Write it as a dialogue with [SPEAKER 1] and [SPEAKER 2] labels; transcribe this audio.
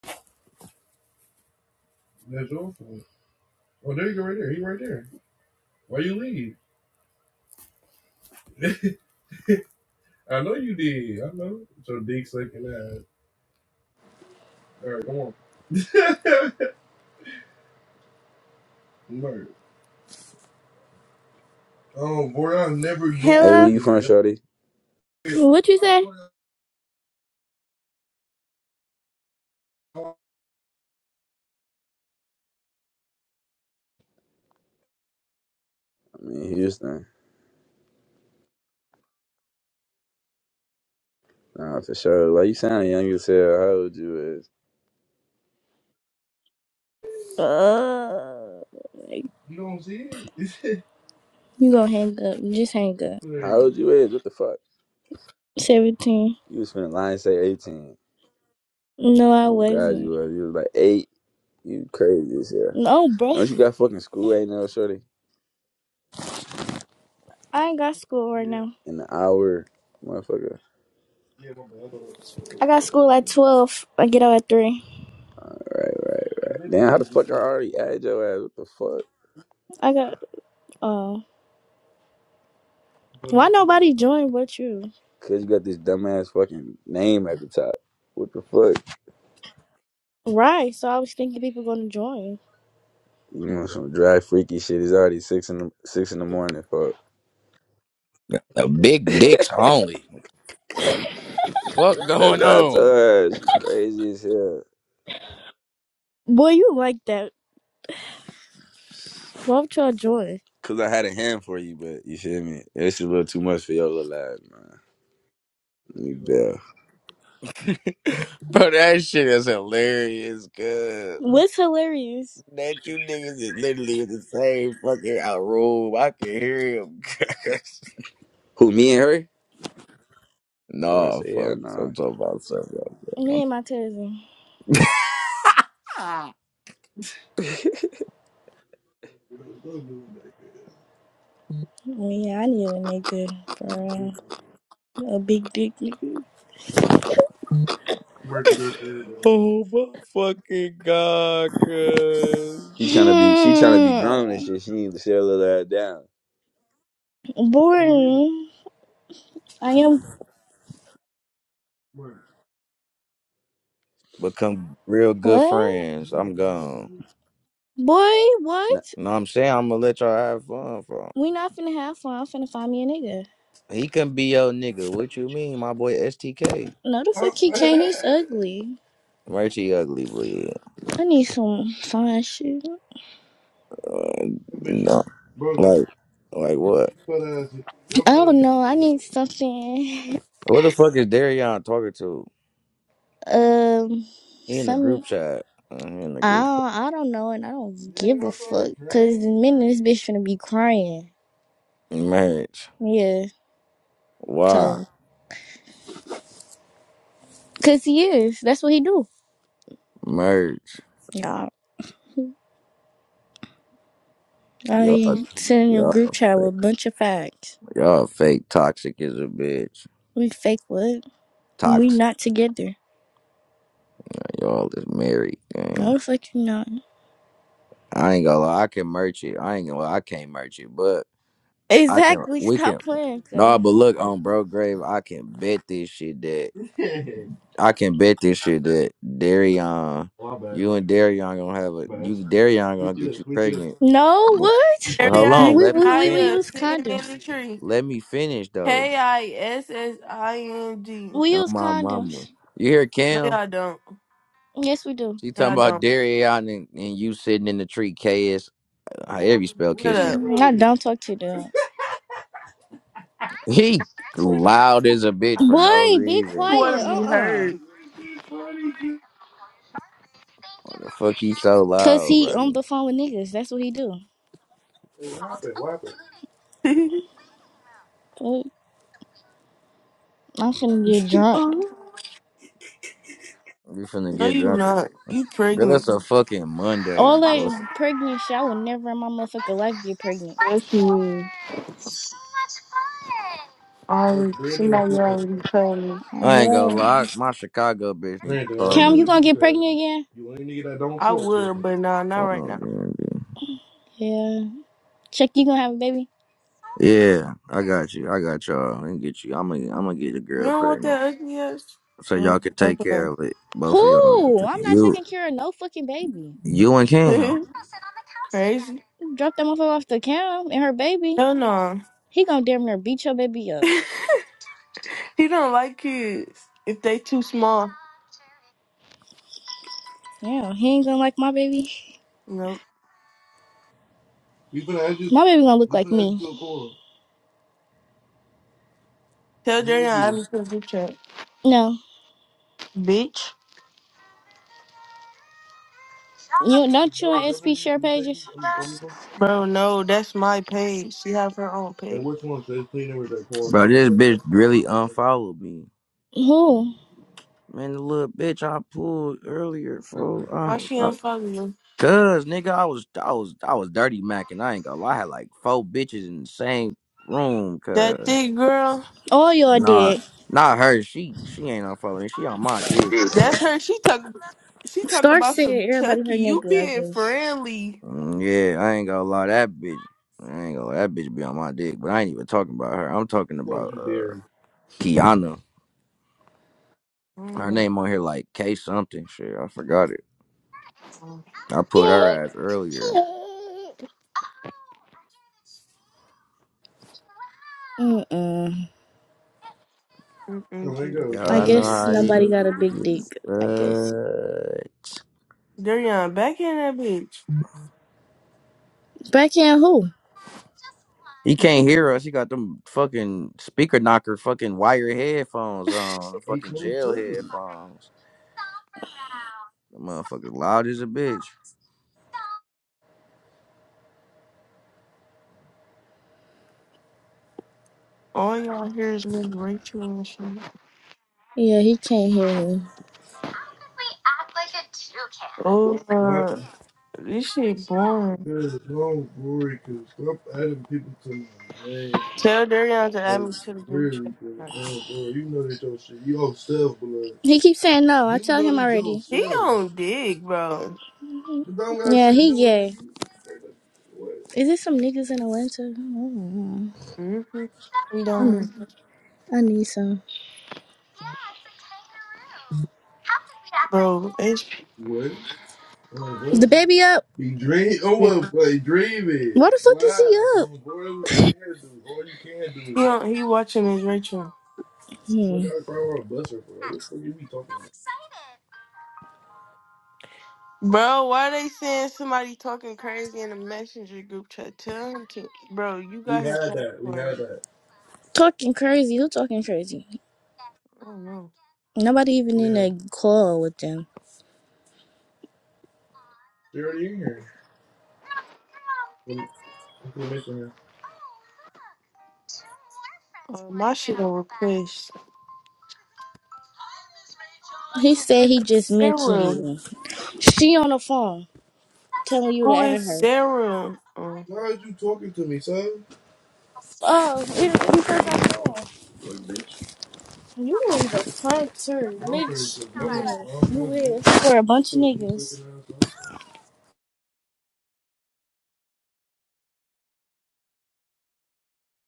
[SPEAKER 1] Hey,
[SPEAKER 2] Hello?
[SPEAKER 1] where you from, Shorty?
[SPEAKER 2] What you say?
[SPEAKER 1] I mean, Houston. Nah, for sure. Why you sounding young as hell? How old you is?
[SPEAKER 2] Uh, you gonna hang up. Just hang up.
[SPEAKER 1] How old you is? What the fuck?
[SPEAKER 2] 17.
[SPEAKER 1] You was finna lie and say 18.
[SPEAKER 2] No, I
[SPEAKER 1] Oh, God, you
[SPEAKER 2] wasn't.
[SPEAKER 1] was. You was like 8. You crazy as hell.
[SPEAKER 2] No, bruh.
[SPEAKER 1] Don't you got fucking school right now, Shorty?
[SPEAKER 2] I ain't got school right now.
[SPEAKER 1] In an hour, motherfucker.
[SPEAKER 2] I got school at 12. I get out at 3.
[SPEAKER 1] Right, right, right. Damn, how the fuck I already added your ass? What the fuck?
[SPEAKER 2] I got, oh. Why nobody joined but you?
[SPEAKER 1] Cause you got this dumbass fucking name at the top. What the fuck?
[SPEAKER 2] Right, so I was thinking people gonna join.
[SPEAKER 1] You want some dry freaky shit? It's already six in the six in the morning, fuck.
[SPEAKER 3] The big dicks only. What
[SPEAKER 1] That's
[SPEAKER 3] going
[SPEAKER 1] how I told
[SPEAKER 3] on?
[SPEAKER 1] her. She crazy as hell.
[SPEAKER 2] Boy, you like that. Why would y'all join?
[SPEAKER 1] Cause I had a hand for you, but you feel me? It's a little too much for your little ass, man. Let me bail.
[SPEAKER 3] Bro, that shit is hilarious, cuz.
[SPEAKER 2] What's hilarious?
[SPEAKER 3] That you niggas is literally in the same fucking out room. I can hear him, cuz.
[SPEAKER 1] Who, me and her? I about to
[SPEAKER 3] Nah,
[SPEAKER 1] say, yeah,
[SPEAKER 3] folks.
[SPEAKER 1] nah.
[SPEAKER 3] I'm talking about something. else,
[SPEAKER 2] Me
[SPEAKER 3] man.
[SPEAKER 2] and my cousin.
[SPEAKER 3] I'm-
[SPEAKER 2] Well, yeah, I need a nigga, for real. A big dick nigga.
[SPEAKER 3] Oh, my fucking God, cuz.
[SPEAKER 1] She trying to be she trying to be grown and
[SPEAKER 2] Hmm.
[SPEAKER 1] shit. She need to sit her little ass down.
[SPEAKER 2] Boring. I am
[SPEAKER 3] Become real good
[SPEAKER 2] what?
[SPEAKER 3] friends. I'm gone.
[SPEAKER 2] Boy,
[SPEAKER 1] Nah,
[SPEAKER 2] what?
[SPEAKER 3] You know what I'm saying? I'm gonna let y'all have fun, bro.
[SPEAKER 2] We not finna have fun. I'm finna find me a nigga.
[SPEAKER 3] He can be your nigga. What you mean, my boy STK?
[SPEAKER 2] No, the fuck he can't. He's ugly.
[SPEAKER 3] Richie ugly, but
[SPEAKER 2] I need some fine shit.
[SPEAKER 3] no, like, like what?
[SPEAKER 2] I don't know. I need something.
[SPEAKER 3] What the fuck is Darion talking to?
[SPEAKER 2] Um,
[SPEAKER 3] He in the
[SPEAKER 2] some.
[SPEAKER 3] group chat. Uh, He in the
[SPEAKER 2] I
[SPEAKER 3] group
[SPEAKER 2] don't, I don't know, and I don't give a fuck. Cause the minute this bitch finna be crying.
[SPEAKER 3] chat. Merge.
[SPEAKER 2] Yeah.
[SPEAKER 3] Why?
[SPEAKER 2] So, cause he is. That's what he do.
[SPEAKER 3] Merch, Y'all,
[SPEAKER 2] I sent in a
[SPEAKER 3] y'all,
[SPEAKER 2] group chat with
[SPEAKER 3] fake,
[SPEAKER 2] a bunch of facts.
[SPEAKER 3] y'all fake toxic is a bitch.
[SPEAKER 2] We fake what? We
[SPEAKER 3] Toxic.
[SPEAKER 2] not together.
[SPEAKER 3] Y'all is married. Gang.
[SPEAKER 2] No, fuck you not.
[SPEAKER 3] I ain't gonna lie. I can merch it. I ain't gonna. Lie, I can't merch it, but I can.
[SPEAKER 2] Exactly.
[SPEAKER 3] We
[SPEAKER 2] Stop
[SPEAKER 3] can.
[SPEAKER 2] playing,
[SPEAKER 3] No,
[SPEAKER 2] cuz.
[SPEAKER 3] but look on bro grave. I can bet this shit that. I can bet this shit that Darion, you and Darion gonna have a you Darion gonna get you pregnant.
[SPEAKER 2] No,
[SPEAKER 3] But
[SPEAKER 2] what?
[SPEAKER 3] but hold
[SPEAKER 2] You-
[SPEAKER 4] Ariana
[SPEAKER 3] on,
[SPEAKER 2] We,
[SPEAKER 3] let me
[SPEAKER 2] we, we, we
[SPEAKER 3] finish.
[SPEAKER 4] Kanaya
[SPEAKER 2] use
[SPEAKER 4] sitting in
[SPEAKER 2] condoms.
[SPEAKER 4] the tree.
[SPEAKER 3] Let me finish though.
[SPEAKER 4] K I S S I N G.
[SPEAKER 2] We
[SPEAKER 3] Oh
[SPEAKER 2] use
[SPEAKER 3] my mama,
[SPEAKER 2] condoms.
[SPEAKER 3] you hear
[SPEAKER 4] No,
[SPEAKER 3] Cam?
[SPEAKER 4] y'all don't.
[SPEAKER 2] Yes, we do.
[SPEAKER 3] She
[SPEAKER 4] No,
[SPEAKER 3] talking
[SPEAKER 4] y'all
[SPEAKER 3] about
[SPEAKER 4] don't.
[SPEAKER 3] Darion and, and you sitting in the tree. KS, however you spell
[SPEAKER 4] Shut
[SPEAKER 3] kissing.
[SPEAKER 4] up.
[SPEAKER 2] I don't talk to them.
[SPEAKER 3] He loud as a bitch for no
[SPEAKER 2] Boy, be
[SPEAKER 3] reason.
[SPEAKER 2] quiet.
[SPEAKER 3] Cause
[SPEAKER 2] Uh-uh.
[SPEAKER 3] what the fuck he so
[SPEAKER 2] Cause
[SPEAKER 3] loud,
[SPEAKER 2] he on
[SPEAKER 3] Brody?
[SPEAKER 2] the phone with niggas. That's what he do. Well, I'm finna get drunk.
[SPEAKER 4] no,
[SPEAKER 3] We finna get
[SPEAKER 4] you
[SPEAKER 3] drunk.
[SPEAKER 4] not. You
[SPEAKER 3] Girl,
[SPEAKER 4] pregnant.
[SPEAKER 3] it's a fucking Monday.
[SPEAKER 2] All that pregnant shit, I would never in my motherfucking life get pregnant.
[SPEAKER 4] Yes, you is. Already, somebody already told me.
[SPEAKER 2] Oh,
[SPEAKER 3] I ain't gonna
[SPEAKER 2] hell no.
[SPEAKER 3] lie. My Chicago bitch need to call
[SPEAKER 2] Cam, you
[SPEAKER 3] me.
[SPEAKER 2] gonna get pregnant again?
[SPEAKER 4] I would, but nah, not
[SPEAKER 3] Phone
[SPEAKER 4] right
[SPEAKER 3] on
[SPEAKER 4] now.
[SPEAKER 3] DMV.
[SPEAKER 2] Yeah. Check, you gonna have a baby?
[SPEAKER 3] Yeah, I got you. I got y'all. I can get you. I'm gonna, I'm gonna get the
[SPEAKER 4] You
[SPEAKER 3] girl
[SPEAKER 4] don't want
[SPEAKER 3] pregnant
[SPEAKER 4] that ugly ass?
[SPEAKER 3] so
[SPEAKER 4] Mm,
[SPEAKER 3] y'all can take care
[SPEAKER 4] Okay.
[SPEAKER 3] of it. Both of y'all.
[SPEAKER 2] Who?
[SPEAKER 3] Because
[SPEAKER 2] I'm not
[SPEAKER 3] You,
[SPEAKER 2] taking care of no fucking baby.
[SPEAKER 3] you and Cam,
[SPEAKER 4] Crazy.
[SPEAKER 2] Drop that motherfucker off to Cam and her baby.
[SPEAKER 4] Hell no.
[SPEAKER 2] He gonna damn near beat your baby up.
[SPEAKER 4] he don't like kids if they too small.
[SPEAKER 2] Yeah, he ain't gonna like my baby.
[SPEAKER 4] Nope.
[SPEAKER 2] My baby gonna look like me. you
[SPEAKER 4] Tell Darian I'm in the group chat.
[SPEAKER 2] No.
[SPEAKER 4] Bitch.
[SPEAKER 2] You don't you and SP share pages?
[SPEAKER 4] Bro, no, that's my page. She have her own page.
[SPEAKER 3] bro. This bitch really unfollowed me.
[SPEAKER 2] Who?
[SPEAKER 3] Man, the little bitch I pulled earlier, fool. I,
[SPEAKER 4] Why she
[SPEAKER 3] I,
[SPEAKER 4] unfollow you?
[SPEAKER 3] Cause nigga, I was, I was, I was dirty macking. I ain't gonna lie. I had like four bitches in the same room,
[SPEAKER 4] That
[SPEAKER 3] cuz.
[SPEAKER 4] thick girl.
[SPEAKER 2] All y'all
[SPEAKER 3] Nah,
[SPEAKER 2] did.
[SPEAKER 3] not her. She she ain't unfollowing. me. She on my dick. bro.
[SPEAKER 4] That's her. She talk. She talk
[SPEAKER 2] Star
[SPEAKER 4] about
[SPEAKER 2] said
[SPEAKER 4] some
[SPEAKER 2] everybody
[SPEAKER 4] Chucky.
[SPEAKER 2] her
[SPEAKER 4] You
[SPEAKER 2] nigga, I
[SPEAKER 4] being
[SPEAKER 2] guess.
[SPEAKER 4] friendly.
[SPEAKER 3] Mm, yeah, I ain't gonna lie, that bitch. I ain't gonna lie, that bitch be on my dick, but I ain't even talking about her. I'm talking about uh Kiana.
[SPEAKER 4] I don't
[SPEAKER 3] Her
[SPEAKER 4] know that
[SPEAKER 3] name on here like K something shit. I forgot it.
[SPEAKER 4] song.
[SPEAKER 3] I put her ass earlier.
[SPEAKER 2] Mm-mm.
[SPEAKER 4] Mm-mm, you.
[SPEAKER 2] I
[SPEAKER 3] Y'all know
[SPEAKER 2] guess
[SPEAKER 3] how this
[SPEAKER 2] nobody got a big
[SPEAKER 3] is,
[SPEAKER 2] dick, I guess.
[SPEAKER 3] but
[SPEAKER 4] Darian, back in that bitch.
[SPEAKER 2] Backhand who?
[SPEAKER 3] he can't
[SPEAKER 4] You-
[SPEAKER 3] hear us. He got them fucking speaker knocker, fucking wire headphones on, fucking jail headphones. The motherfucker loud as a bitch.
[SPEAKER 4] All y'all hear is Miss Rachel and shit.
[SPEAKER 2] Yeah, he can't hear me.
[SPEAKER 4] Oh, uh, this shit boring. Tell Darian to add me to the group chat.
[SPEAKER 2] He keeps saying no. I tell him already.
[SPEAKER 4] He don't dig, bro.
[SPEAKER 2] Yeah, he gay. Is there some niggas in Atlanta? Mm,
[SPEAKER 4] Mm-hmm. He don't.
[SPEAKER 2] I need some.
[SPEAKER 4] Bro, it's
[SPEAKER 2] the baby up? He dream. Oh,
[SPEAKER 4] he
[SPEAKER 2] well, play dreaming. Why the fuck is he up?
[SPEAKER 4] on, he watching his Rachel.
[SPEAKER 2] Hmm.
[SPEAKER 4] Bro, why they saying somebody talking crazy in the messenger group chat? Tell him to bro, you got his password.
[SPEAKER 2] Talking crazy. Who talking crazy?
[SPEAKER 4] I don't know.
[SPEAKER 2] Nobody even in a call with them.
[SPEAKER 4] Uh, my shit on replaced.
[SPEAKER 2] He
[SPEAKER 4] Who the
[SPEAKER 2] said
[SPEAKER 4] fuck
[SPEAKER 2] he
[SPEAKER 4] is
[SPEAKER 2] just mentioned
[SPEAKER 4] Sarah?
[SPEAKER 2] you. She on the phone telling you to
[SPEAKER 4] Who
[SPEAKER 2] add
[SPEAKER 4] is
[SPEAKER 2] her.
[SPEAKER 4] Sarah? Oh.
[SPEAKER 2] Oh, you you forgot more. You is a planter, bitch. You is. You is. For a bunch of niggas.